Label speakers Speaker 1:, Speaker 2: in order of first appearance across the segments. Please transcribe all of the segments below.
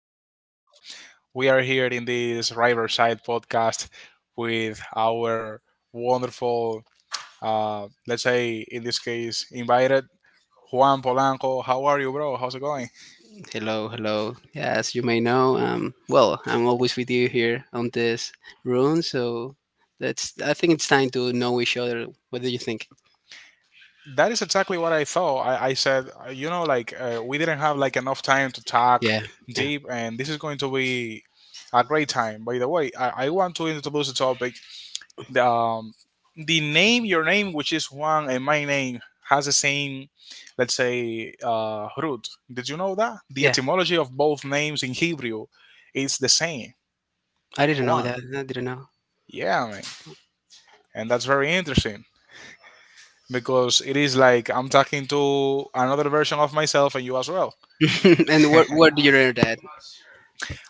Speaker 1: Well, huh, we are here in this Riverside podcast with our wonderful, let's say in this case, invited Juan Polanco. How are you, bro? How's it going?
Speaker 2: Hello, hello. Yeah, as you may know, well, I'm always with you here on this room, so that's. I think it's time to know each other. What do you think?
Speaker 1: That is exactly what I thought. I said, like we didn't have like enough time to talk
Speaker 2: Yeah, yeah,
Speaker 1: deep, and this is going to be a great time. By the way, I want to introduce the topic, the, um, the name your name, which is Juan, and my name has the same, let's say, root. Did you know that the
Speaker 2: yeah.
Speaker 1: etymology of both names in Hebrew is the same?
Speaker 2: I didn't know
Speaker 1: Juan,
Speaker 2: that. I didn't know.
Speaker 1: yeah, man. And that's very interesting because it is like I'm talking to another version of myself and you as well.
Speaker 2: And where where do you learn that?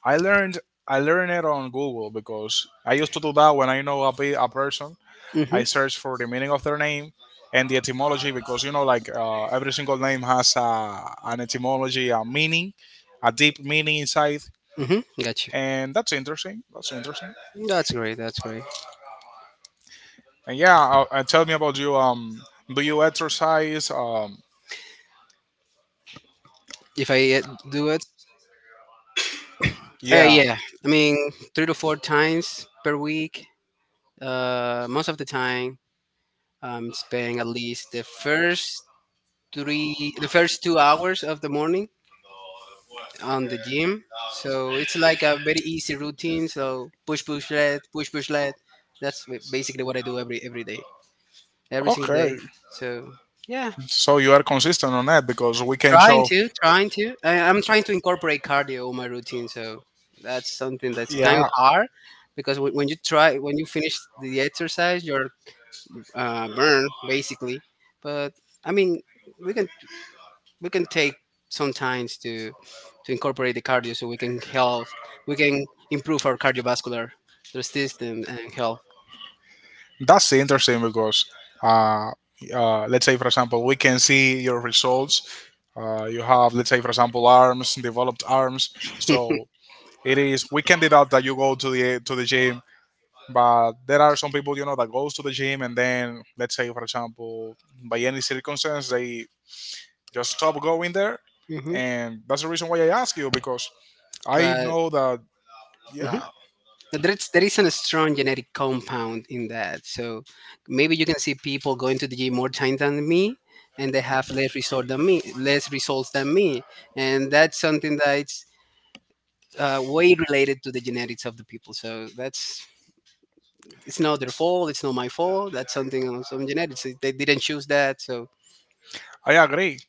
Speaker 1: i learned I learned it on Google because I used to do that when I know a person. I
Speaker 2: Mhm,
Speaker 1: searched for the meaning of their name and the etymology because like every single name has an etymology, a meaning, a deep meaning inside,
Speaker 2: mhm. Got you.
Speaker 1: and that's interesting. That's interesting.
Speaker 2: That's great. That's great.
Speaker 1: And yeah, tell me about you. Do you exercise?
Speaker 2: If I do it,
Speaker 1: Yeah.
Speaker 2: yeah. I mean, three to four times per week. Most of the time, I'm spending at least the first 2 hours of the morning on the gym, so it's like a very easy routine. So push, push, let, push, push, let. That's basically what I do every day, every single day.
Speaker 1: Okay.
Speaker 2: So yeah,
Speaker 1: So you are consistent on that because we can
Speaker 2: trying
Speaker 1: show.
Speaker 2: to trying to I, i'm trying to incorporate cardio in my routine, so that's something that's kind of
Speaker 1: Yeah.
Speaker 2: hard, because when you try, when you finish the exercise, you're burned basically. But I mean, we can we can take sometimes to incorporate the cardio, so we can help, we can improve our cardiovascular system and health.
Speaker 1: That's interesting because, uh, let's say, for example, we can see your results. You have, let's say, for example, arms, developed arms. So it is, we can deduct that you go to the gym, but there are some people, that goes to the gym and then, let's say, for example, by any circumstance, they just stop going there,
Speaker 2: Hmm.
Speaker 1: and that's the reason why I ask you because I
Speaker 2: But
Speaker 1: know that,
Speaker 2: mhm.
Speaker 1: yeah,
Speaker 2: But there is a strong genetic compound in that. So maybe you can see people going to the gym more time than me, and they have less result than me, less results than me, and that's something that's way related to the genetics of the people. So that's, it's not their fault. It's not my fault. That's something on some genetics. They didn't choose that. So
Speaker 1: I agree.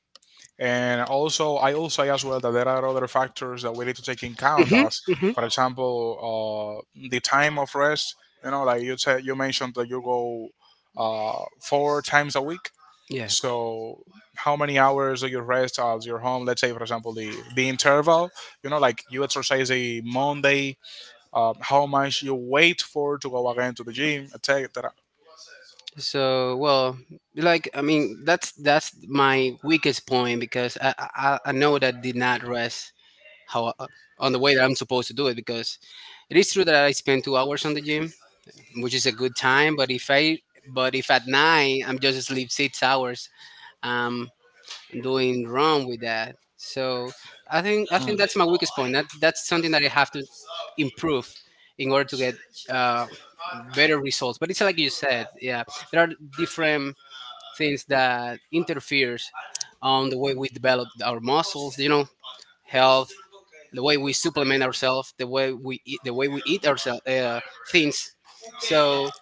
Speaker 1: And also, I will say as well that there are other factors that we need to take in count,
Speaker 2: hmm,
Speaker 1: as
Speaker 2: hmm,
Speaker 1: for example, uh, the time of rest. You know, like you said, you mentioned that you go 4 times a week.
Speaker 2: yeah.
Speaker 1: So, how many hours do you rest at your home? Let's say, for example, the interval. You know, like you exercise a Monday, how much you wait for to go again to the gym, etc.
Speaker 2: So well, I mean, that's my weakest point, because I know that did not rest how on the way that I'm supposed to do it, because it is true that I spend 2 hours on the gym, which is a good time. But if at night I'm just asleep 6 hours, um, doing wrong with that. So I think I
Speaker 1: Mm.
Speaker 2: think that's my weakest point. That's something that I have to improve in order to get uh, better results. But it's like you said, yeah, there are different things that interferes on the way we develop our muscles. You know, health, the way we supplement ourselves, the way we eat, the way we eat ourselves things. So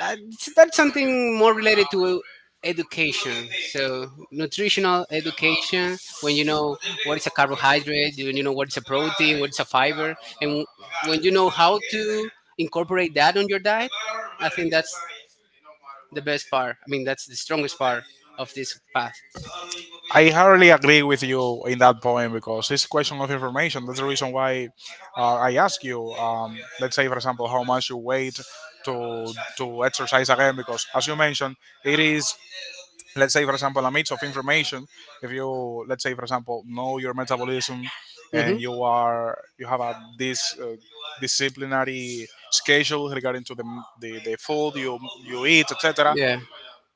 Speaker 2: that's something more related to education, so nutritional education. When you know what is a carbohydrate, when you know what is a protein, what is a fiber, and when you know how to incorporate that on your diet, I think that's the best part. I mean, that's the strongest part of this path.
Speaker 1: I hardly agree with you in that point because it's a question of information. That's the reason why I ask you. Let's say, for example, how much you wait to exercise again, because as you mentioned, it is, let's say for example, a mix of information, if you, let's say for example, know your metabolism,
Speaker 2: Hmm,
Speaker 1: and you have a this disciplinary schedule regarding to the food you eat, etc.
Speaker 2: yeah,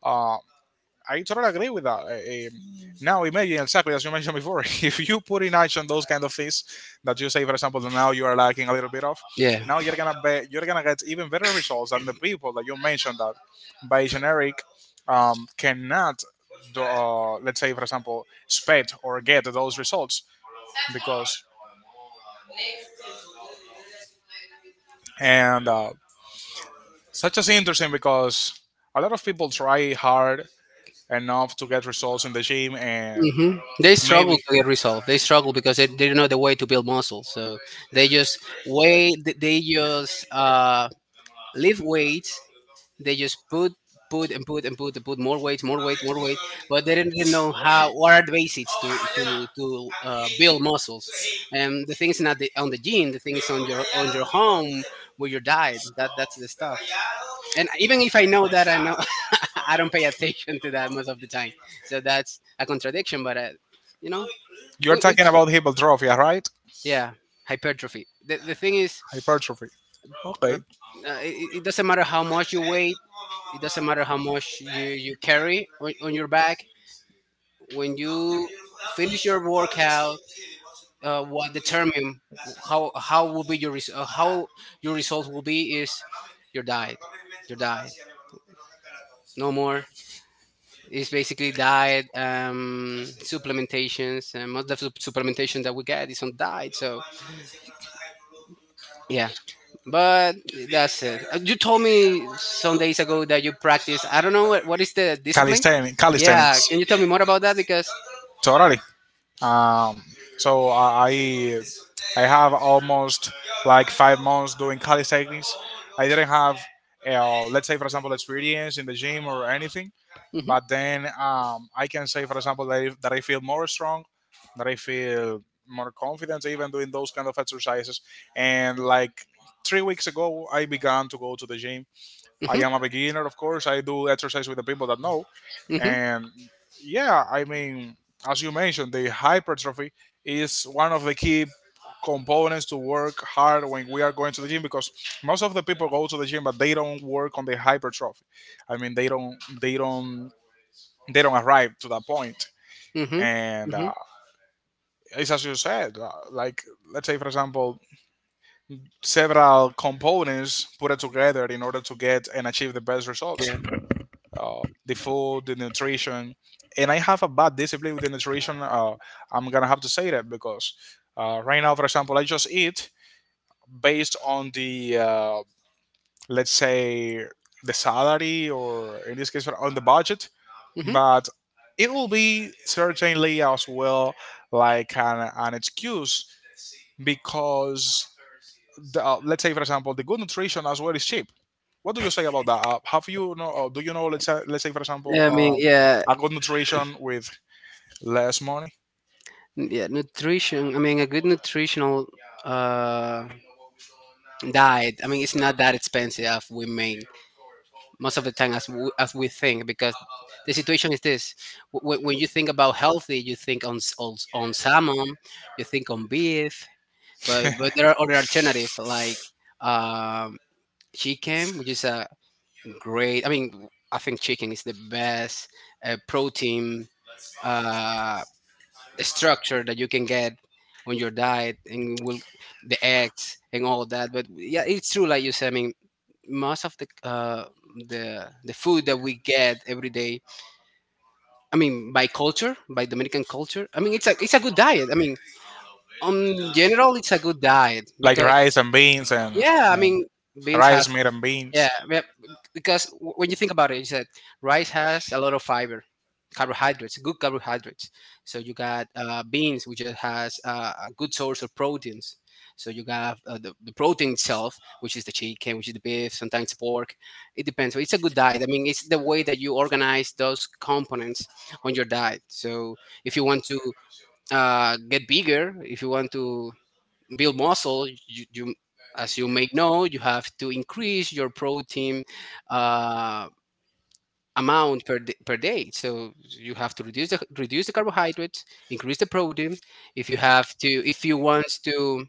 Speaker 1: uh, I totally agree with that. Now imagine exactly as you mentioned before, if you put in action those kind of things that you say, for example, that now you are lacking a little bit of,
Speaker 2: yeah,
Speaker 1: now you're gonna get even better results than the people that you mentioned that by generic, cannot do, let's say, for example, sped or get those results, because and such as interesting because a lot of people try hard enough to get results in the gym. And
Speaker 2: hmm. They struggle
Speaker 1: maybe
Speaker 2: to get resolved. They struggle because they don't know the way to build muscle. So they just weigh. They just lift weights. They just put more weight, more weight, more weight. But they didn't really know how, what are the basics to build muscles. And the thing is not on the gym. The thing is on your home with your diet. That that's the stuff. And even if I know that, I know, I don't pay attention to that most of the time. So that's a contradiction. But you know,
Speaker 1: you're talking
Speaker 2: which,
Speaker 1: about hypertrophy, right?
Speaker 2: yeah, hypertrophy. The thing is,
Speaker 1: Hypertrophy.
Speaker 2: uh, uh,
Speaker 1: Okay.
Speaker 2: it, it doesn't matter how much you weigh. It doesn't matter how much you carry on your back. When you finish your workout, what determine how will be your how your results will be is your diet, your diet. No more. It's basically diet, supplementations, and most of the supplementation that we get is on diet. So yeah, but that's it. You told me some days ago that you practice. I don't know what is the discipline.
Speaker 1: Calisthenics.
Speaker 2: Yeah,
Speaker 1: Calisthenics.
Speaker 2: can you tell me more about that? Because
Speaker 1: Totally. Um, so I have almost like 5 months doing calisthenics. I didn't have, let's say for example, experience in the gym or anything, but then, I can say for example that that I feel more strong, that I feel more confident even doing those kind of exercises. And like 3 weeks ago, I began to go to the gym. I
Speaker 2: mhm,
Speaker 1: am a beginner, of course. I do exercise with the people that know.
Speaker 2: mhm, mhm,
Speaker 1: And yeah, I mean, as you mentioned, the hypertrophy is one of the key components to work hard when we are going to the gym, because most of the people go to the gym but they don't work on the hypertrophy. I mean, they don't, they don't arrive to that point.
Speaker 2: mhm,
Speaker 1: And
Speaker 2: mhm,
Speaker 1: it's as you said, like, let's say for example, several components put it together in order to get and achieve the best results.
Speaker 2: yeah,
Speaker 1: The food, the nutrition. And I have a bad discipline with the nutrition. I'm gonna have to say that because right now, for example, I just eat based on the, let's say, the salary, or in this case on the budget,
Speaker 2: mhm.
Speaker 1: but it will be certainly as well like an excuse, because let's say for example, the good nutrition as well is cheap. What do you say about that? Have you know? Do you know? Let's say, for example,
Speaker 2: Yeah, I mean, yeah,
Speaker 1: a good nutrition with less money,
Speaker 2: yeah, nutrition. I mean, a good nutritional uh, diet. I mean, it's not that expensive as we make most of the time as as we think, because the situation is this: when you think about healthy, you think on on salmon, you think on beef, but there are other alternatives like um, chicken, which is a great. I mean, I think chicken is the best protein. Uh, structure that you can get on your diet and will the eggs and all that. But yeah, it's true, like you said. I mean, most of the the food that we get every day, I mean, by culture, by Dominican culture, I mean, it's a good diet. I mean, on general, it's a good diet
Speaker 1: like
Speaker 2: because
Speaker 1: rice and beans and,
Speaker 2: yeah, I mean, beans has,
Speaker 1: rice, meat and beans.
Speaker 2: yeah, yeah, because when you think about it, you said rice has a lot of fiber, carbohydrates, good carbohydrates. So you got beans, which it has a good source of proteins. So you got the protein itself, which is the chicken, which is the beef, sometimes pork. It depends. So it's a good diet. I mean, it's the way that you organize those components on your diet. So if you want to get bigger, if you want to build muscle, you as you may know, you have to increase your protein uh, amount per per day. So you have to reduce the carbohydrates, increase the protein. If you have to, if you want to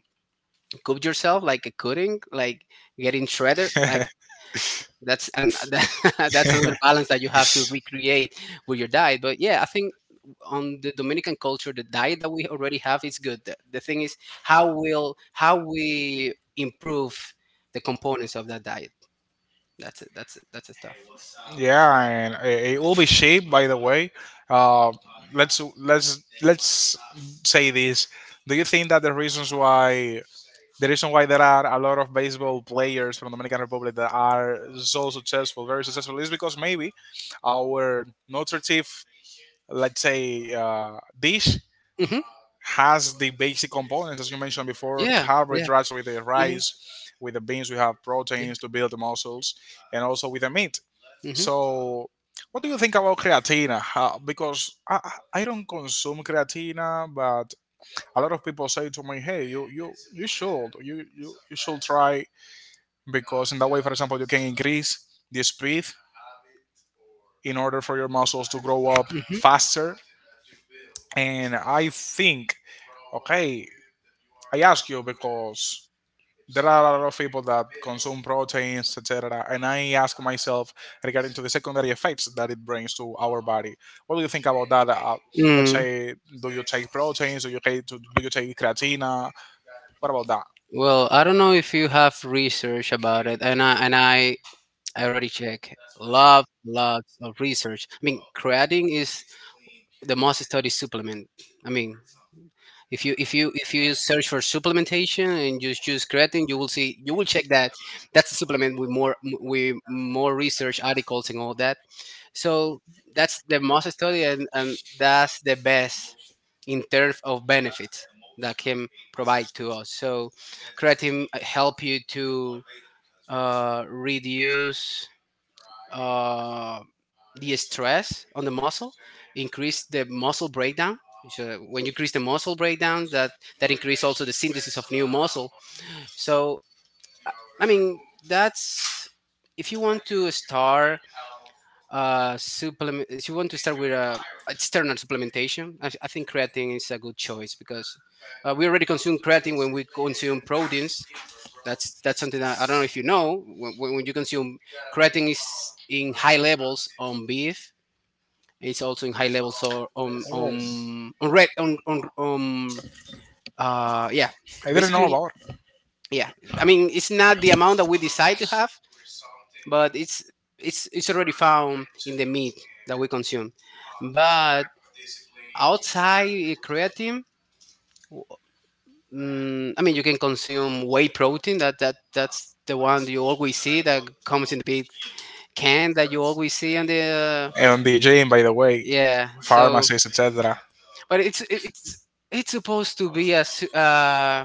Speaker 2: cook yourself like a cutting, like getting shredded, like that's, and that's another balance that you have to recreate with your diet. But yeah, I think on the Dominican culture, the diet that we already have is good. The thing is how will how we improve the components of that diet. That's it, that's it, that's the stuff.
Speaker 1: Yeah, and it will be cheap. By the way, uh, let's say this. Do you think that the reason why there are a lot of baseball players from Dominican Republic that are so successful, very successful, is because maybe our nutritive, let's say, dish
Speaker 2: Hmm,
Speaker 1: has the basic components, as you mentioned before,
Speaker 2: yeah, yeah,
Speaker 1: carbohydrates with the
Speaker 2: hmm,
Speaker 1: rice, with the beans, we have
Speaker 2: yeah,
Speaker 1: proteins to build the muscles, and also with the meat.
Speaker 2: hmm.
Speaker 1: So, what do you think about creatina? Because I don't consume creatina, but a lot of people say to me, "Hey, you should try, because in that way, for example, you can increase the speed in order for your muscles to grow up faster." And I think, okay, I ask you because there are a lot of people that consume proteins, etc. And I ask myself regarding to the secondary effects that it brings to our body. What do you think about that? Let's
Speaker 2: Mm.
Speaker 1: say, do you take proteins? Do you take creatina? What about that?
Speaker 2: Well, I don't know if you have research about it, and I already check. Love, lots of research. I mean, creatine is the most studied supplement. I mean, if you if you if you search for supplementation and you choose creatine, you will see, you will check that that's a supplement with more, with more research articles and all that. So that's the most studied, and that's the best in terms of benefits that can provide to us. So creatine help you to reduce uh, the stress on the muscle, increase the muscle breakdown. So when you increase the muscle breakdown, that increase also the synthesis of new muscle. So I mean, that's, if you want to start supplement. If you want to start with a external supplementation, I think creatine is a good choice, because we already consume creatine when we consume proteins. That's something that I don't know if you know. When, when you consume creatine is in high levels on beef, it's also in high levels or on
Speaker 1: Oh,
Speaker 2: red on um, uh, yeah. So
Speaker 1: I didn't know
Speaker 2: basically,
Speaker 1: about.
Speaker 2: yeah. I mean, it's not the amount that we decide to have, but it's already found in the meat that we consume. But outside eh, creatine, mm, I mean, you can consume whey protein. That that's the one you always see that comes in the big can that you always see on the uh,
Speaker 1: And the gym, by the way,
Speaker 2: yeah. So
Speaker 1: pharmacies, etc.
Speaker 2: but it's supposed to be a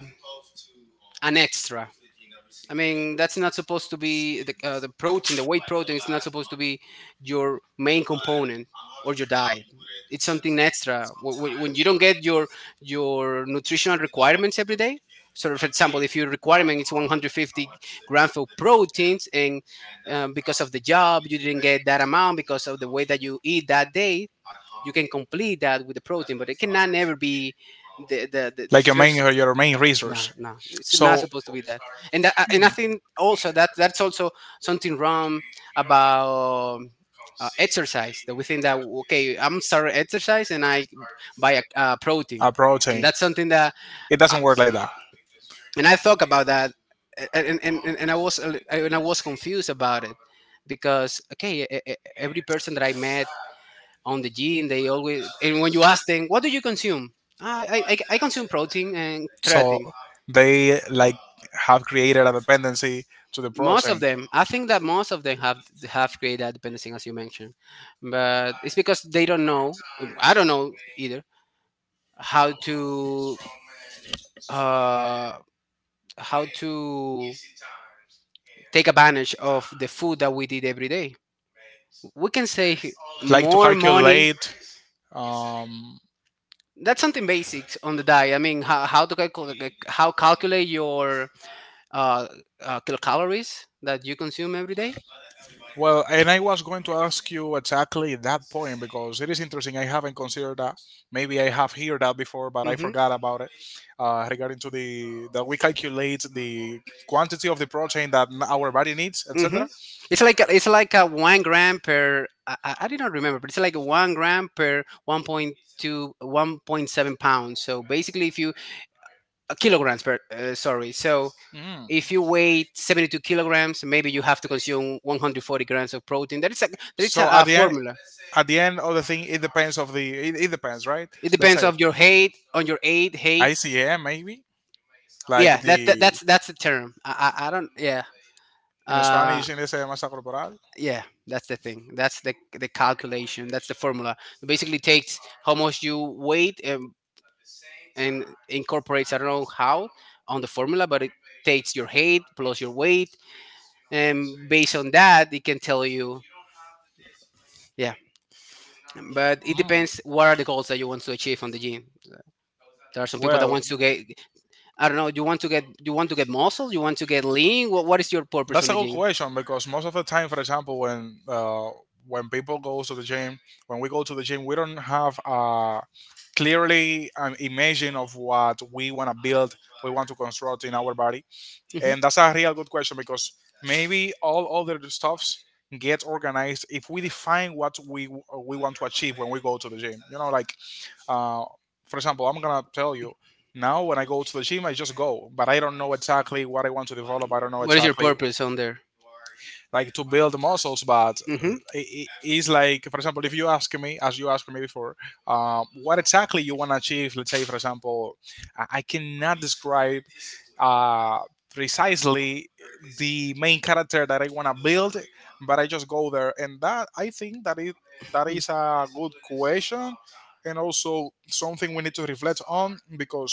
Speaker 2: an extra. I mean, that's not supposed to be the the whey protein is not supposed to be your main component or your diet. It's something extra. When you don't get your nutritional requirements every day. So, for example, if your requirement is 150 grams of proteins, and because of the job you didn't get that amount because of the way that you eat that day, you can complete that with the protein, but it cannot never be the the
Speaker 1: Like your main
Speaker 2: first.
Speaker 1: your main
Speaker 2: No,
Speaker 1: resource.
Speaker 2: no, it's not
Speaker 1: So,
Speaker 2: supposed to be that. And that, and I think
Speaker 1: hmm,
Speaker 2: also that that's also something wrong about exercise. That we think that, okay, I'm starting exercise and I buy a protein,
Speaker 1: a
Speaker 2: and
Speaker 1: protein,
Speaker 2: that's something that.
Speaker 1: it doesn't work like that.
Speaker 2: And I thought about that, and I was a li- and I was confused about it, because okay, every person that I met on the gym. They always, and when you ask them, what do you consume? "Ah, I consume protein and
Speaker 1: So
Speaker 2: creatine.
Speaker 1: they like have created a dependency to the
Speaker 2: Most
Speaker 1: protein,
Speaker 2: of them, I think that most of them have created that dependency, as you mentioned, but it's because they don't know. I don't know either how to uh, how to take advantage of the food that we did every day. We can save
Speaker 1: like to
Speaker 2: more money.
Speaker 1: calculate, um,
Speaker 2: That's something basic on the diet. I mean, how to calculate how calculate your uh, kilocalories that you consume every day.
Speaker 1: well, and I was going to ask you exactly that point because it is interesting. I haven't considered that. Maybe I have heard that before, but I
Speaker 2: Mm-hmm.
Speaker 1: forgot about it. Regarding to the that we calculate the quantity of the protein that our body needs,
Speaker 2: Mm-hmm.
Speaker 1: etc.
Speaker 2: It's like a 1 gram per. I did not remember, but it's like 1 gram per 1.2, 1.7 pounds. So basically, if you kilograms per sorry, so
Speaker 1: Mm.
Speaker 2: if you weigh 72 kilograms, maybe you have to consume 140 grams of protein. That is a that is a,
Speaker 1: So
Speaker 2: a formula.
Speaker 1: at the end of the thing, it depends of it depends, right?
Speaker 2: It
Speaker 1: Let's
Speaker 2: depends
Speaker 1: say
Speaker 2: of your height, on your height.
Speaker 1: ICM maybe like
Speaker 2: Yeah, that, that
Speaker 1: the
Speaker 2: that's that's the term. I don't. Yeah.
Speaker 1: in
Speaker 2: Uh,
Speaker 1: Spanish in ese masa corporal.
Speaker 2: yeah, that's the thing. That's the calculation. That's the formula. It basically takes how much you weight, and, incorporates, I don't know how, on the formula. But it takes your height plus your weight, and based on that it can tell you. Yeah, but it
Speaker 1: Mm.
Speaker 2: depends what are the goals that you want to achieve on the gym. There are some people that
Speaker 1: Well,
Speaker 2: wants to get, I don't know. You want to get muscle. You want to get lean. What is your purpose
Speaker 1: that's
Speaker 2: on
Speaker 1: a
Speaker 2: the
Speaker 1: good
Speaker 2: gym?
Speaker 1: question because most of the time, for example, when people go to the gym, when we go to the gym, we don't have a clearly an imagine of what we want to build, we want to construct in our body,
Speaker 2: Mhm.
Speaker 1: and that's a real good question because maybe all other stuffs get organized if we define what we want to achieve when we go to the gym. You know, like, Uh, for example, I'm gonna tell you now when I go to the gym, I just go, but I don't know exactly what I want to develop. I don't know
Speaker 2: What is your
Speaker 1: exactly
Speaker 2: purpose on there?
Speaker 1: like to build muscles, but it's like, for example, if you ask me as you asked me before, what exactly you want to achieve, let's say for example, I cannot describe, uh, precisely, the main character that I want to build, but I just go there. And that, I think that it that is a good question, and also something we need to reflect on, because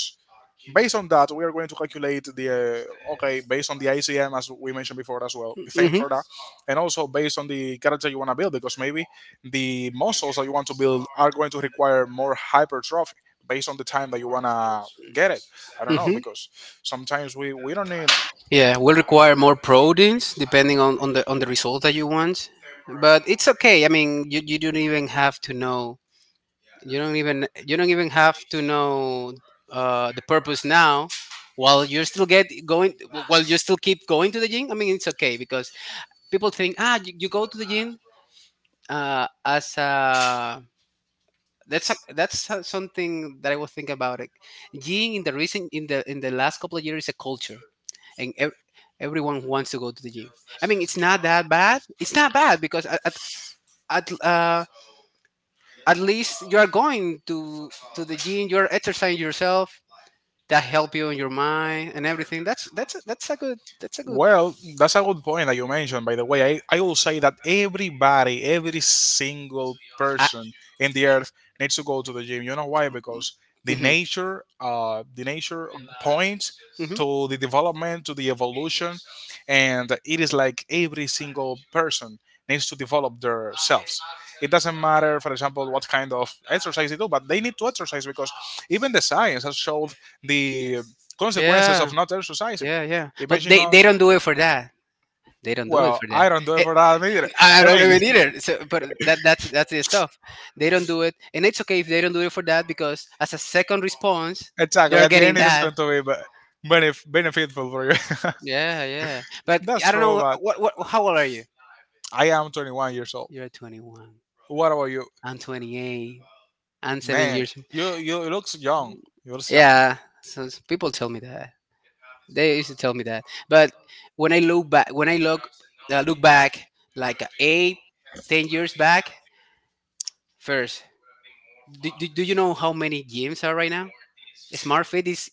Speaker 1: based on that, we are going to calculate the, okay, based on the ICM as we mentioned before as well. Thank you for that, and also based on the character you want to build, because maybe the muscles that you want to build are going to require more hypertrophy based on the time that you want to get it. I don't know because sometimes we don't need.
Speaker 2: Yeah, will require more proteins depending on the result that you want. But it's okay. I mean, you don't even have to know. You don't even have to know the purpose now. While you're still get going, while you still keep going to the gym. I mean, it's okay, because people think, "Ah, you go to the gym as a..." something that I was thinking about. It. Gym in the recent, in the last couple of years, is a culture, and everyone wants to go to the gym. I mean, it's not that bad. It's not bad because at, uh, at least you are going to the gym. You are exercising yourself. That help you in your mind and everything. That's a good.
Speaker 1: Well, that's a good point that you mentioned, by the way. I will say that everybody, every single
Speaker 2: I,
Speaker 1: person in the earth needs to go to the gym. You know why? Because the
Speaker 2: hmm.
Speaker 1: nature, uh, the nature points
Speaker 2: Hmm.
Speaker 1: to the development, to the evolution, and it is like every single person needs to develop their selves. It doesn't matter, for example, what kind of exercise they do, but they need to exercise because even the science has showed the consequences
Speaker 2: Yeah,
Speaker 1: of not exercising.
Speaker 2: yeah, yeah. But
Speaker 1: Imagine
Speaker 2: they
Speaker 1: us.
Speaker 2: don't do it for that. They don't do it
Speaker 1: Well,
Speaker 2: for that.
Speaker 1: I don't do it
Speaker 2: Eh,
Speaker 1: for that either.
Speaker 2: I don't
Speaker 1: I
Speaker 2: even need
Speaker 1: mean,
Speaker 2: it. So, but that's the stuff. They don't do it, and it's okay if they don't do it for that, because as a second response,
Speaker 1: exactly.
Speaker 2: they're
Speaker 1: At the
Speaker 2: getting
Speaker 1: end, it is
Speaker 2: that.
Speaker 1: going to be beneficial for you.
Speaker 2: Yeah, yeah. But
Speaker 1: That's
Speaker 2: I don't
Speaker 1: true,
Speaker 2: know
Speaker 1: but
Speaker 2: what. How old are you?
Speaker 1: I am 21 years old.
Speaker 2: You're 21.
Speaker 1: What about you,
Speaker 2: I'm 28. I'm seven
Speaker 1: man?
Speaker 2: years.
Speaker 1: You it looks young. You looks young.
Speaker 2: Yeah. So people tell me that. They used to tell me that. But when I look back, when I look look back, like eight, 10 years back, first, do you know how many gyms are right now? SmartFit is.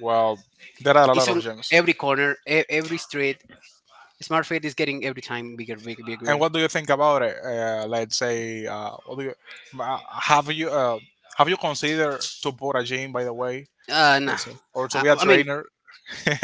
Speaker 1: Well, there are a
Speaker 2: It's
Speaker 1: lot of
Speaker 2: on
Speaker 1: gems.
Speaker 2: every corner, every street. Smart feed is getting every time bigger, bigger,
Speaker 1: And
Speaker 2: bigger.
Speaker 1: what do you think about it? Let's say, uh, have you uh, have you considered to put a gym? By the way,
Speaker 2: No,
Speaker 1: let's say. Or so we are
Speaker 2: I mean,
Speaker 1: trainer.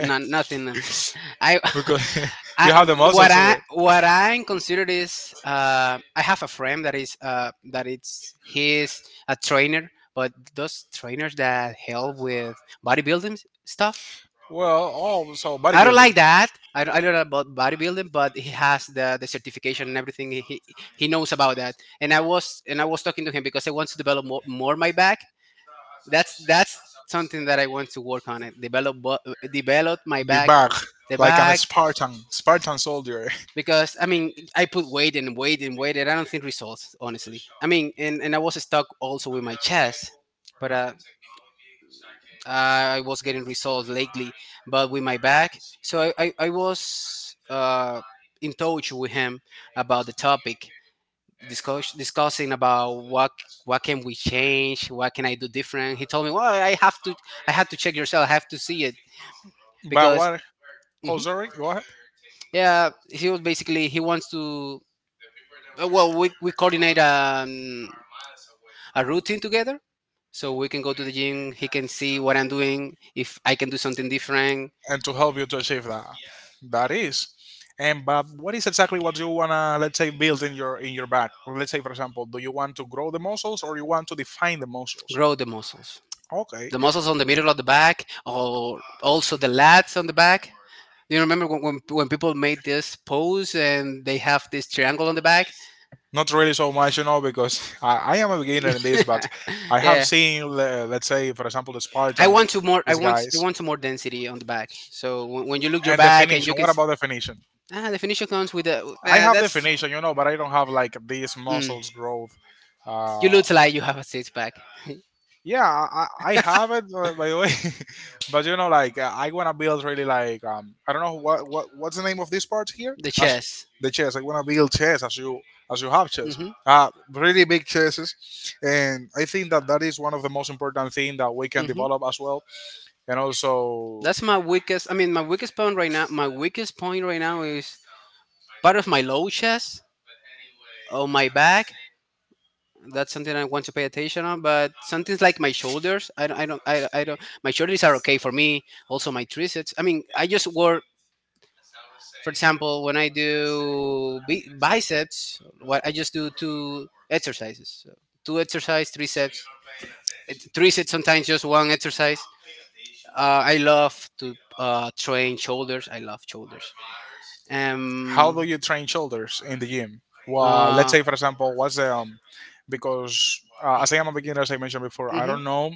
Speaker 2: no, nothing. I,
Speaker 1: Because you
Speaker 2: I,
Speaker 1: have the muscles of it.
Speaker 2: what I consider is, I have a friend that is, that it's he's a trainer, but those trainers that help with bodybuilding stuff.
Speaker 1: Well, oh, so
Speaker 2: I don't
Speaker 1: bodybuilding.
Speaker 2: like that. I don't know about bodybuilding, but he has the certification and everything. He knows about that. And I was talking to him because I want to develop more my back. That's something that I want to work on it. Develop my
Speaker 1: The
Speaker 2: back,
Speaker 1: back,
Speaker 2: the
Speaker 1: like an
Speaker 2: back,
Speaker 1: Spartan soldier.
Speaker 2: because I mean I put weight and weight and weight, and I don't think results honestly. I mean, and I was stuck also with my chest, but I was getting results lately, but with my back. So I was in touch with him about the topic, discussing about what can we change, what can I do different. He told me, "Well, I had to check yourself. I have to see it."
Speaker 1: But
Speaker 2: Because.
Speaker 1: what? Oh,
Speaker 2: Mhm.
Speaker 1: sorry. Go ahead.
Speaker 2: Yeah, he was basically, he wants to. Well, we coordinate a routine together. So we can go to the gym. He can see what I'm doing, if I can do something different.
Speaker 1: And to help you to achieve that, that is. And but what is exactly what you wanna, let's say, build in your back? Let's say, for example, do you want to grow the muscles or you want to define the muscles?
Speaker 2: Grow the muscles.
Speaker 1: Okay.
Speaker 2: The muscles on the middle of the back, or also the lats on the back. Do you remember when, when people made this pose and they have this triangle on the back?
Speaker 1: Not really so much, you know, because I am a beginner in this, but I have
Speaker 2: Yeah,
Speaker 1: seen, let's say, for example, the
Speaker 2: I
Speaker 1: Spartans,
Speaker 2: want to more. I
Speaker 1: these
Speaker 2: want I
Speaker 1: guys,
Speaker 2: want to more density on the back. So when you look your
Speaker 1: and
Speaker 2: back and you
Speaker 1: definition.
Speaker 2: can
Speaker 1: What
Speaker 2: see,
Speaker 1: about definition?
Speaker 2: ah, the finisher comes with a
Speaker 1: I have
Speaker 2: that's...
Speaker 1: definition, you know, but I don't have like these
Speaker 2: Mm,
Speaker 1: muscles growth.
Speaker 2: you
Speaker 1: Uh,
Speaker 2: look like you have a six pack.
Speaker 1: Yeah, I have it, by the way, but like I wanna build really like I don't know what's the name of this part here
Speaker 2: The
Speaker 1: as
Speaker 2: chest.
Speaker 1: the chess. I wanna build chess as you have chess,
Speaker 2: Hmm.
Speaker 1: really big chesses, and I think that that is one of the most important thing that we can
Speaker 2: Hmm.
Speaker 1: develop as well, and also
Speaker 2: That's my weakest. I mean, my weakest point right now. My weakest point right now is part of my low chest, on my back. That's something I want to pay attention on. But something like my shoulders, I don't. My shoulders are okay for me. Also my triceps. I mean, I just work. For example, when I do biceps, what I just do two exercises. So two exercise, triceps, sets. Three sometimes, just one exercise. I love to train shoulders. I love shoulders.
Speaker 1: how do
Speaker 2: Um.
Speaker 1: you train shoulders in the gym? Well, let's
Speaker 2: Uh.
Speaker 1: say for example, what's the because as I am a beginner, as I mentioned before, I
Speaker 2: Hmm.
Speaker 1: don't know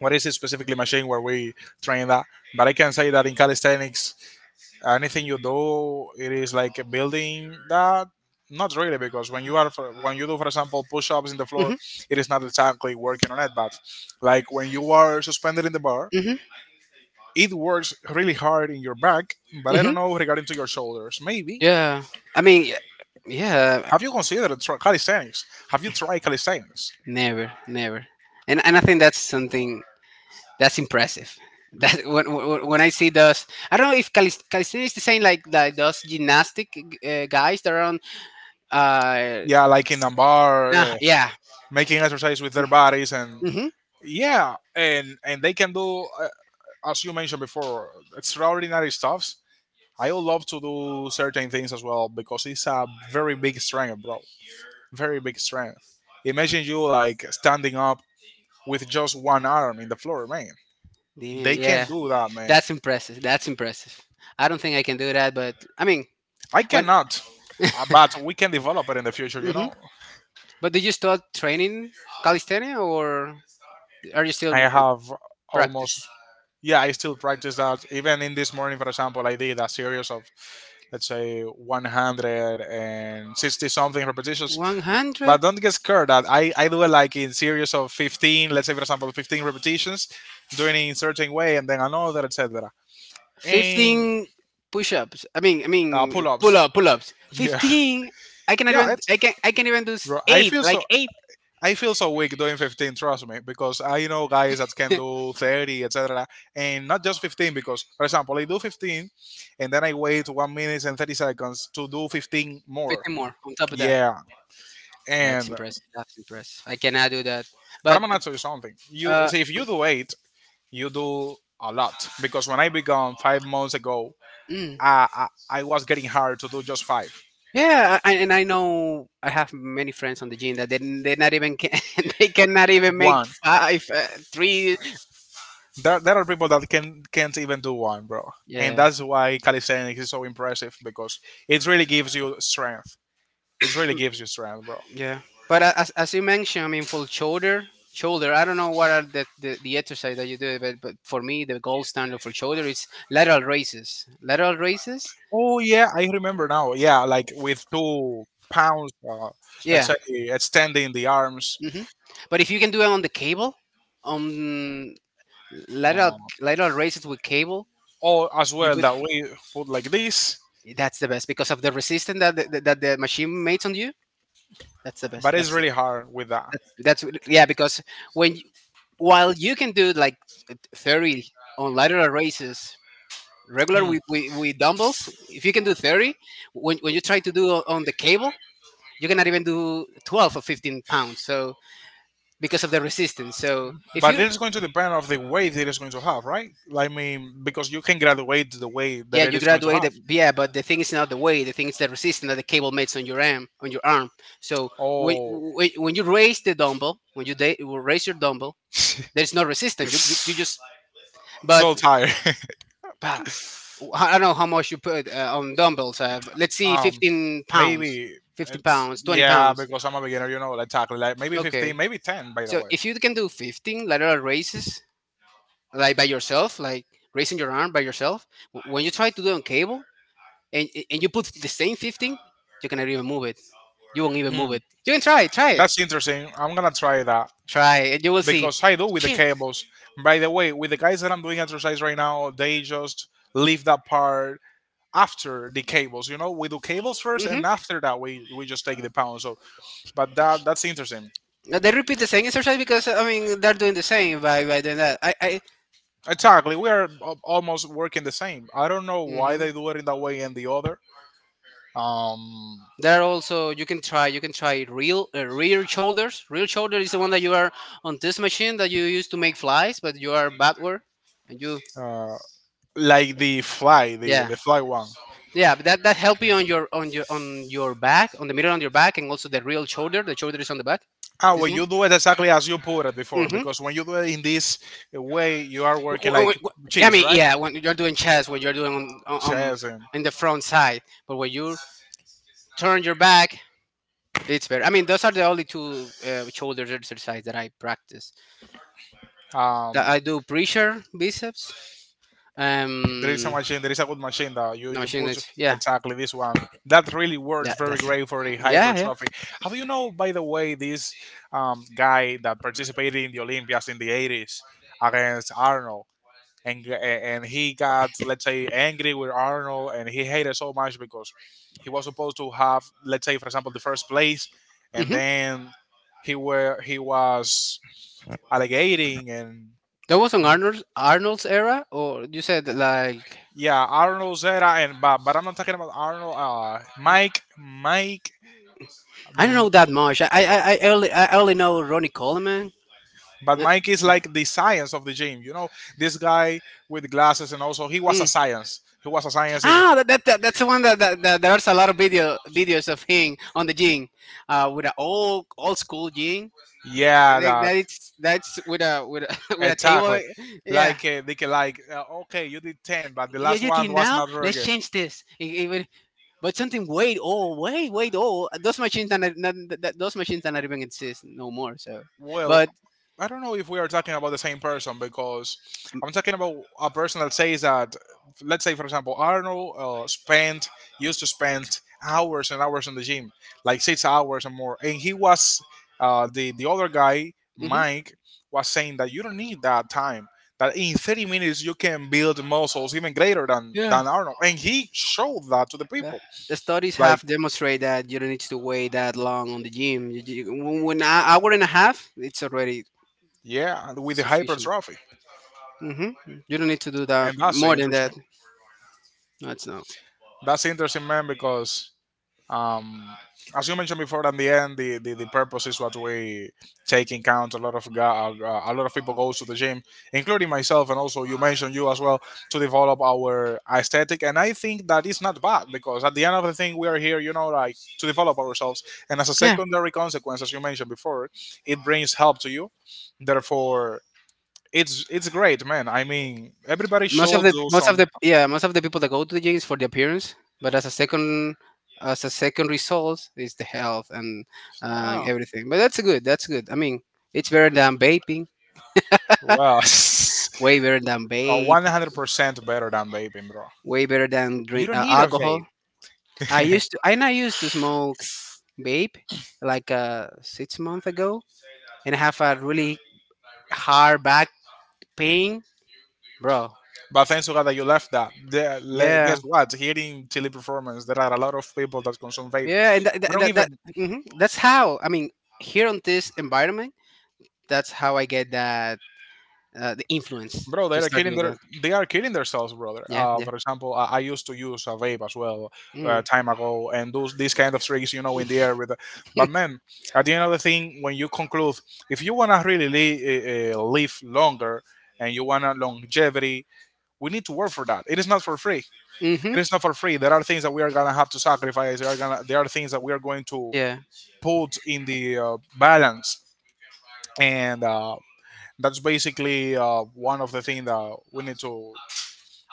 Speaker 1: what is it specifically machine where we train that, but I can say that in calisthenics, anything you do, it is like building that. Not really, because when you are when you do, for example, push-ups in the floor,
Speaker 2: Hmm.
Speaker 1: it is not exactly working on it. But like when you are suspended in the bar,
Speaker 2: Hmm.
Speaker 1: it works really hard in your back, but I
Speaker 2: Hmm.
Speaker 1: don't know regarding to your shoulders. Maybe
Speaker 2: Yeah. I mean, yeah.
Speaker 1: have you considered calisthenics? Have you tried calisthenics?
Speaker 2: Never, never. And I think that's something that's impressive. That when I see those, I don't know if calisthenics is the same like those gymnastic guys that are on. Uh,
Speaker 1: Yeah, like in a bar,
Speaker 2: nah, yeah.
Speaker 1: making exercise with their bodies, and
Speaker 2: Mm-hmm.
Speaker 1: yeah, and they can do, as you mentioned before, extraordinary stuffs. I would love to do certain things as well because it's a very big strength, bro. Very big strength. Imagine you like standing up with just one arm in the floor, man.
Speaker 2: Yeah,
Speaker 1: They can
Speaker 2: yeah.
Speaker 1: do that, man.
Speaker 2: That's impressive. That's impressive. I don't think I can do that, but I mean,
Speaker 1: I
Speaker 2: when.
Speaker 1: cannot. But we can develop it in the future, you
Speaker 2: Hmm.
Speaker 1: know.
Speaker 2: But did you start training calisthenics, or are you still
Speaker 1: I have
Speaker 2: practicing?
Speaker 1: almost Yeah, I still practice that. Even in this morning, for example, I did a series of let's say 160 something repetitions.
Speaker 2: 100.
Speaker 1: But don't get scared that I do it like in series of 15, let's say for example 15 repetitions, doing it in certain way, and then another, etc. And
Speaker 2: 15 push-ups. I mean,
Speaker 1: pull-ups.
Speaker 2: pull-up, pull-ups.
Speaker 1: Yeah,
Speaker 2: 15. I can
Speaker 1: yeah.
Speaker 2: even.
Speaker 1: It's
Speaker 2: I can. I can even do
Speaker 1: Bro,
Speaker 2: eight, like eight.
Speaker 1: I feel so weak doing 15, trust me, because I know guys that can do 30, etc. And not just 15, because, for example, I do 15 and then I wait 1 minute and 30 seconds to do 15 more.
Speaker 2: 15 more on top of that.
Speaker 1: Yeah.
Speaker 2: That's
Speaker 1: And,
Speaker 2: impressive. That's impressive. I cannot do that.
Speaker 1: but
Speaker 2: But
Speaker 1: I'm going to tell you something. You
Speaker 2: uh,
Speaker 1: see, if you do 8, you do a lot. Because when I began 5 months ago,
Speaker 2: mm,
Speaker 1: I, I was getting hard to do just 5.
Speaker 2: yeah. And I know I have many friends on the gym that they not even can. They cannot even make
Speaker 1: One.
Speaker 2: five, three.
Speaker 1: There are people that can't even do one, bro, and
Speaker 2: Yeah.
Speaker 1: that's why calisthenics is so impressive because it really gives you strength. It really gives you strength, bro.
Speaker 2: Yeah, but as you mentioned, I mean, for shoulder, shoulder. I don't know what are the exercise that you do, but for me, the gold standard for shoulder is lateral raises. Lateral raises.
Speaker 1: Oh yeah, I remember now. Yeah, like with 2 pounds, let's
Speaker 2: Yeah.
Speaker 1: say extending the arms,
Speaker 2: Hmm. But if you can do it on the cable, on lateral
Speaker 1: uh,
Speaker 2: lateral raises with cable,
Speaker 1: or as
Speaker 2: you
Speaker 1: well
Speaker 2: put,
Speaker 1: that we put like this,
Speaker 2: that's the best because of the resistance that the machine makes on you. That's the best.
Speaker 1: but it's
Speaker 2: That's it.
Speaker 1: really hard with that.
Speaker 2: That's Yeah. Because when you- while you can do like 30 on lateral raises regular
Speaker 1: Hmm.
Speaker 2: with dumbbells, if you can do 30 when you try to do on the cable, you cannot even do 12 or 15 pounds, so because of the resistance. So if
Speaker 1: But
Speaker 2: you...
Speaker 1: it is going to depend of the weight it is going to have, right? Like, I mean, because you can graduate the weight that
Speaker 2: Yeah,
Speaker 1: it
Speaker 2: you
Speaker 1: is going to
Speaker 2: graduate
Speaker 1: have.
Speaker 2: yeah, but the thing is not the weight. The thing is the resistance that the cable makes on your arm, so when,
Speaker 1: Oh,
Speaker 2: when, when you raise the dumbbell, raise your dumbbell, there's no resistance. You just, but
Speaker 1: so tired.
Speaker 2: pa, I don't know how much you put on dumbbells. Let's see,
Speaker 1: um,
Speaker 2: 15 pounds,
Speaker 1: Maybe
Speaker 2: 15
Speaker 1: it's
Speaker 2: pounds, 20
Speaker 1: yeah,
Speaker 2: pounds.
Speaker 1: because I'm a beginner, you know, like tackle like maybe 15,
Speaker 2: Okay.
Speaker 1: maybe 10. By the
Speaker 2: So
Speaker 1: way,
Speaker 2: if you can do 15 lateral raises, like by yourself, like raising your arm by yourself, when you try to do it on cable and you put the same 15, you cannot even move it. You won't even move
Speaker 1: hmm,
Speaker 2: it. You can try, try it,
Speaker 1: that's interesting. I'm gonna try that
Speaker 2: try, and you will see.
Speaker 1: because I do with the
Speaker 2: Shit.
Speaker 1: cables. By the way, with the guys that I'm doing exercise right now, they just leave that part after the cables. You know, we do cables first, and
Speaker 2: Hmm.
Speaker 1: after that, we just take the pound. So, but that's interesting.
Speaker 2: They repeat the same exercise, because I mean they're doing the same by doing that. I.
Speaker 1: Exactly, we are almost working the same. I don't know why
Speaker 2: Hmm.
Speaker 1: they do it in that way and the other. Um,
Speaker 2: There are also, you can try real rear shoulders. Rear shoulder is the one that you are on this machine that you use to make flies, but you are backward and you.
Speaker 1: uh, like the fly, the
Speaker 2: Yeah.
Speaker 1: the fly one.
Speaker 2: Yeah, but that help you on your on your back, on the middle on your back, and also the real shoulder. The shoulder is on the back.
Speaker 1: Ah,
Speaker 2: This
Speaker 1: well,
Speaker 2: one.
Speaker 1: you do it exactly as you put it before,
Speaker 2: Mm-hmm.
Speaker 1: because when you do it in this way, you are working like
Speaker 2: I
Speaker 1: cheese,
Speaker 2: mean,
Speaker 1: right?
Speaker 2: yeah, when you're doing chest, when you're doing
Speaker 1: Chess and
Speaker 2: in the front side, but when you turn your back, it's better. I mean, those are the only two shoulder exercise that I practice. That
Speaker 1: um,
Speaker 2: I do pressure biceps. Um,
Speaker 1: there is a good machine that you,
Speaker 2: no
Speaker 1: you
Speaker 2: machine.
Speaker 1: put
Speaker 2: That's, yeah,
Speaker 1: exactly this one. That really works
Speaker 2: yeah,
Speaker 1: very
Speaker 2: that's.
Speaker 1: great for the
Speaker 2: Yeah, yeah.
Speaker 1: hypertrophy. How do you know, by the way, this guy that participated in the Olympias in the 80s against Arnold? And he got, let's say, angry with Arnold and he hated so much because he was supposed to have, let's say, for example, the first place and
Speaker 2: Mm-hmm.
Speaker 1: then he was allegating and.
Speaker 2: That was on Arnold's era, or you said like?
Speaker 1: Yeah, Arnold Zera and Bob, but I'm not talking about Arnold.
Speaker 2: I don't
Speaker 1: Mm,
Speaker 2: know that much. I only know Ronnie Coleman.
Speaker 1: but
Speaker 2: Uh,
Speaker 1: Mike is like the science of the gym. You know, this guy with glasses and also he was a
Speaker 2: mm.
Speaker 1: science. He was a science in,
Speaker 2: Ah, that's the one that there's a lot of videos of him on the gym, with an old school gym.
Speaker 1: yeah,
Speaker 2: Like
Speaker 1: that,
Speaker 2: that it's that's with a with a table.
Speaker 1: exactly.
Speaker 2: Yeah.
Speaker 1: Like they can like okay, you did 10, but the
Speaker 2: Yeah,
Speaker 1: last
Speaker 2: you
Speaker 1: one
Speaker 2: think
Speaker 1: was
Speaker 2: now?
Speaker 1: not very
Speaker 2: Let's
Speaker 1: good.
Speaker 2: change this. But something, wait. Oh, oh, those machines are not, not. Those machines are Not even exist no more. So,
Speaker 1: Well,
Speaker 2: but.
Speaker 1: I don't know if we are talking about the same person because I'm talking about a person that says that, let's say, for example, Arnold used to spend hours and hours in the gym, like 6 hours and more. And he was, the other guy, Mike, was saying that you don't need that time, that in 30 minutes you can build muscles even greater
Speaker 2: Mm-hmm.
Speaker 1: than Arnold. And he showed that to the
Speaker 2: Yeah.
Speaker 1: people,
Speaker 2: The studies
Speaker 1: like,
Speaker 2: have demonstrated that you don't need to wait that long on the gym. When a hour and a half, it's already
Speaker 1: yeah, with the
Speaker 2: sufficient.
Speaker 1: hypertrophy.
Speaker 2: Hmm. You don't need to do that
Speaker 1: And that's
Speaker 2: more than that.
Speaker 1: interesting.
Speaker 2: That's not.
Speaker 1: That's interesting, man, because Um, as you mentioned before, at the end, the purpose is what we take in count. A lot of people go to the gym, including myself, and also you mentioned you as well to develop our aesthetic. And I think that is not bad because at the end of the thing, we are here, like to develop ourselves. And as a
Speaker 2: Yeah,
Speaker 1: secondary consequence, as you mentioned before, it brings help to you. Therefore, it's great, man. I mean, everybody should do some.
Speaker 2: most of the people that go to the gym is for the appearance, but as a second, result is the health and
Speaker 1: Yeah,
Speaker 2: everything. But that's good. That's good. I mean, it's better than vaping.
Speaker 1: well.
Speaker 2: Way better than vape.
Speaker 1: 100% better than vaping, bro.
Speaker 2: Way better than
Speaker 1: You
Speaker 2: drink
Speaker 1: don't need a
Speaker 2: alcohol.
Speaker 1: vape.
Speaker 2: I used to, and I used to smoke vape like 6 months ago, and I have a really hard back pain, bro.
Speaker 1: But thanks to God that you left that.
Speaker 2: Yeah,
Speaker 1: Guess what? Hearing teleperformance, there are a lot of people that consume vape.
Speaker 2: yeah, and
Speaker 1: I
Speaker 2: that,
Speaker 1: don't
Speaker 2: that, that
Speaker 1: even,
Speaker 2: mhm. That's how. I mean, here on this environment, that's how I get that, the influence
Speaker 1: bro. They
Speaker 2: to
Speaker 1: are
Speaker 2: start doing that.
Speaker 1: killing themselves, brother.
Speaker 2: Yeah, yeah.
Speaker 1: For example, I used to use a vape as well,
Speaker 2: Mm.
Speaker 1: time ago, and those these kind of tricks, you know, in the air with. But man, at the end of the thing, when you conclude, if you wanna really live longer and you wanna longevity, we need to work for that. It is not for free.
Speaker 2: Mm-hmm.
Speaker 1: It is not for free. There are things that we are gonna have to sacrifice. There are things that we are going to
Speaker 2: Yeah.
Speaker 1: put in the balance, and that's basically one of the things that we need to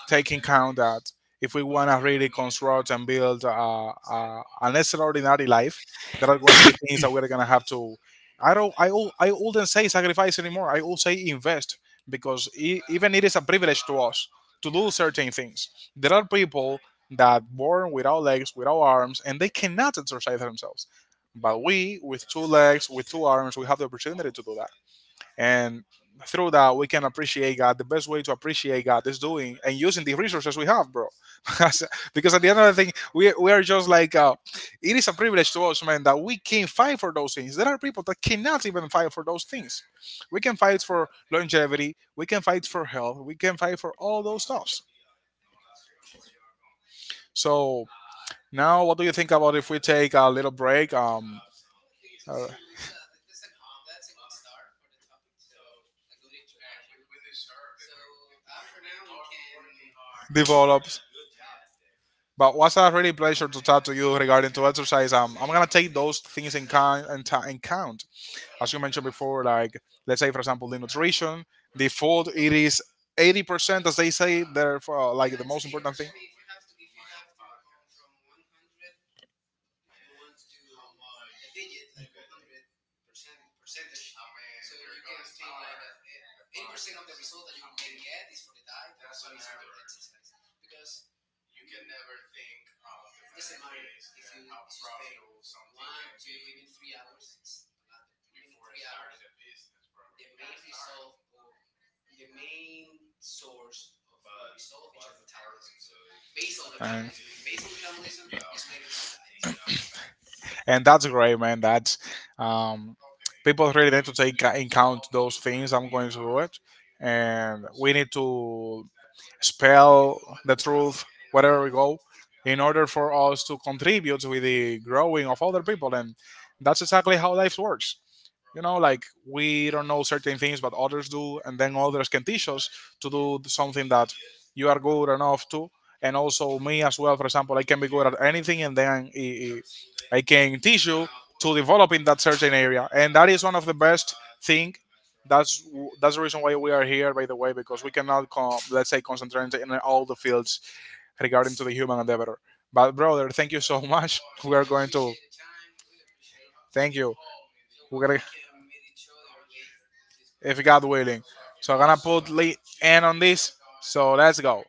Speaker 1: taking count that if we want to really construct and build an extraordinary life, there are going to be things that we're going to have to. I don't. I wouldn't say sacrifice anymore. I would say invest because even it is a privilege to us to do certain things. There are people that born without legs, without arms, and they cannot exercise themselves. But we, with two legs, with two arms, we have the opportunity to do and through that, we can appreciate God. The best way to appreciate God is doing and using the resources we have, bro. because because at the end of the thing, we are just like, it is a privilege to us, man, that we can fight for those things. There are people that cannot even fight for those things. We can fight for longevity, we can fight for health, we can fight for all those stuffs. So now, what do you think about if we take a little break? Uh, develops. But was a really pleasure to talk to you regarding to exercise. I'm gonna take those things in count as you mentioned before, like let's say for example the nutrition default it is 80% as they say therefore like the most important thing and, and that's great, man. That's um, People really need to take in count those things. I'm going to do it, and we need to spell the truth wherever we go in order for us to contribute with the growing of other people. And that's exactly how life works. You know, like we don't know certain things but others do, and then others can teach us to do something that you are good enough to. And also me as well, for example, I can be good at anything, and then i, I I can teach you to develop in that certain area. And that is one of the best thing. That's that's the reason why we are here, by the way, because we cannot, let's say, concentrate in all the fields regarding to the human endeavor. But brother, thank you so much. We are going to thank you. We're gonna, if God willing. So I'm gonna put end on this. So let's go.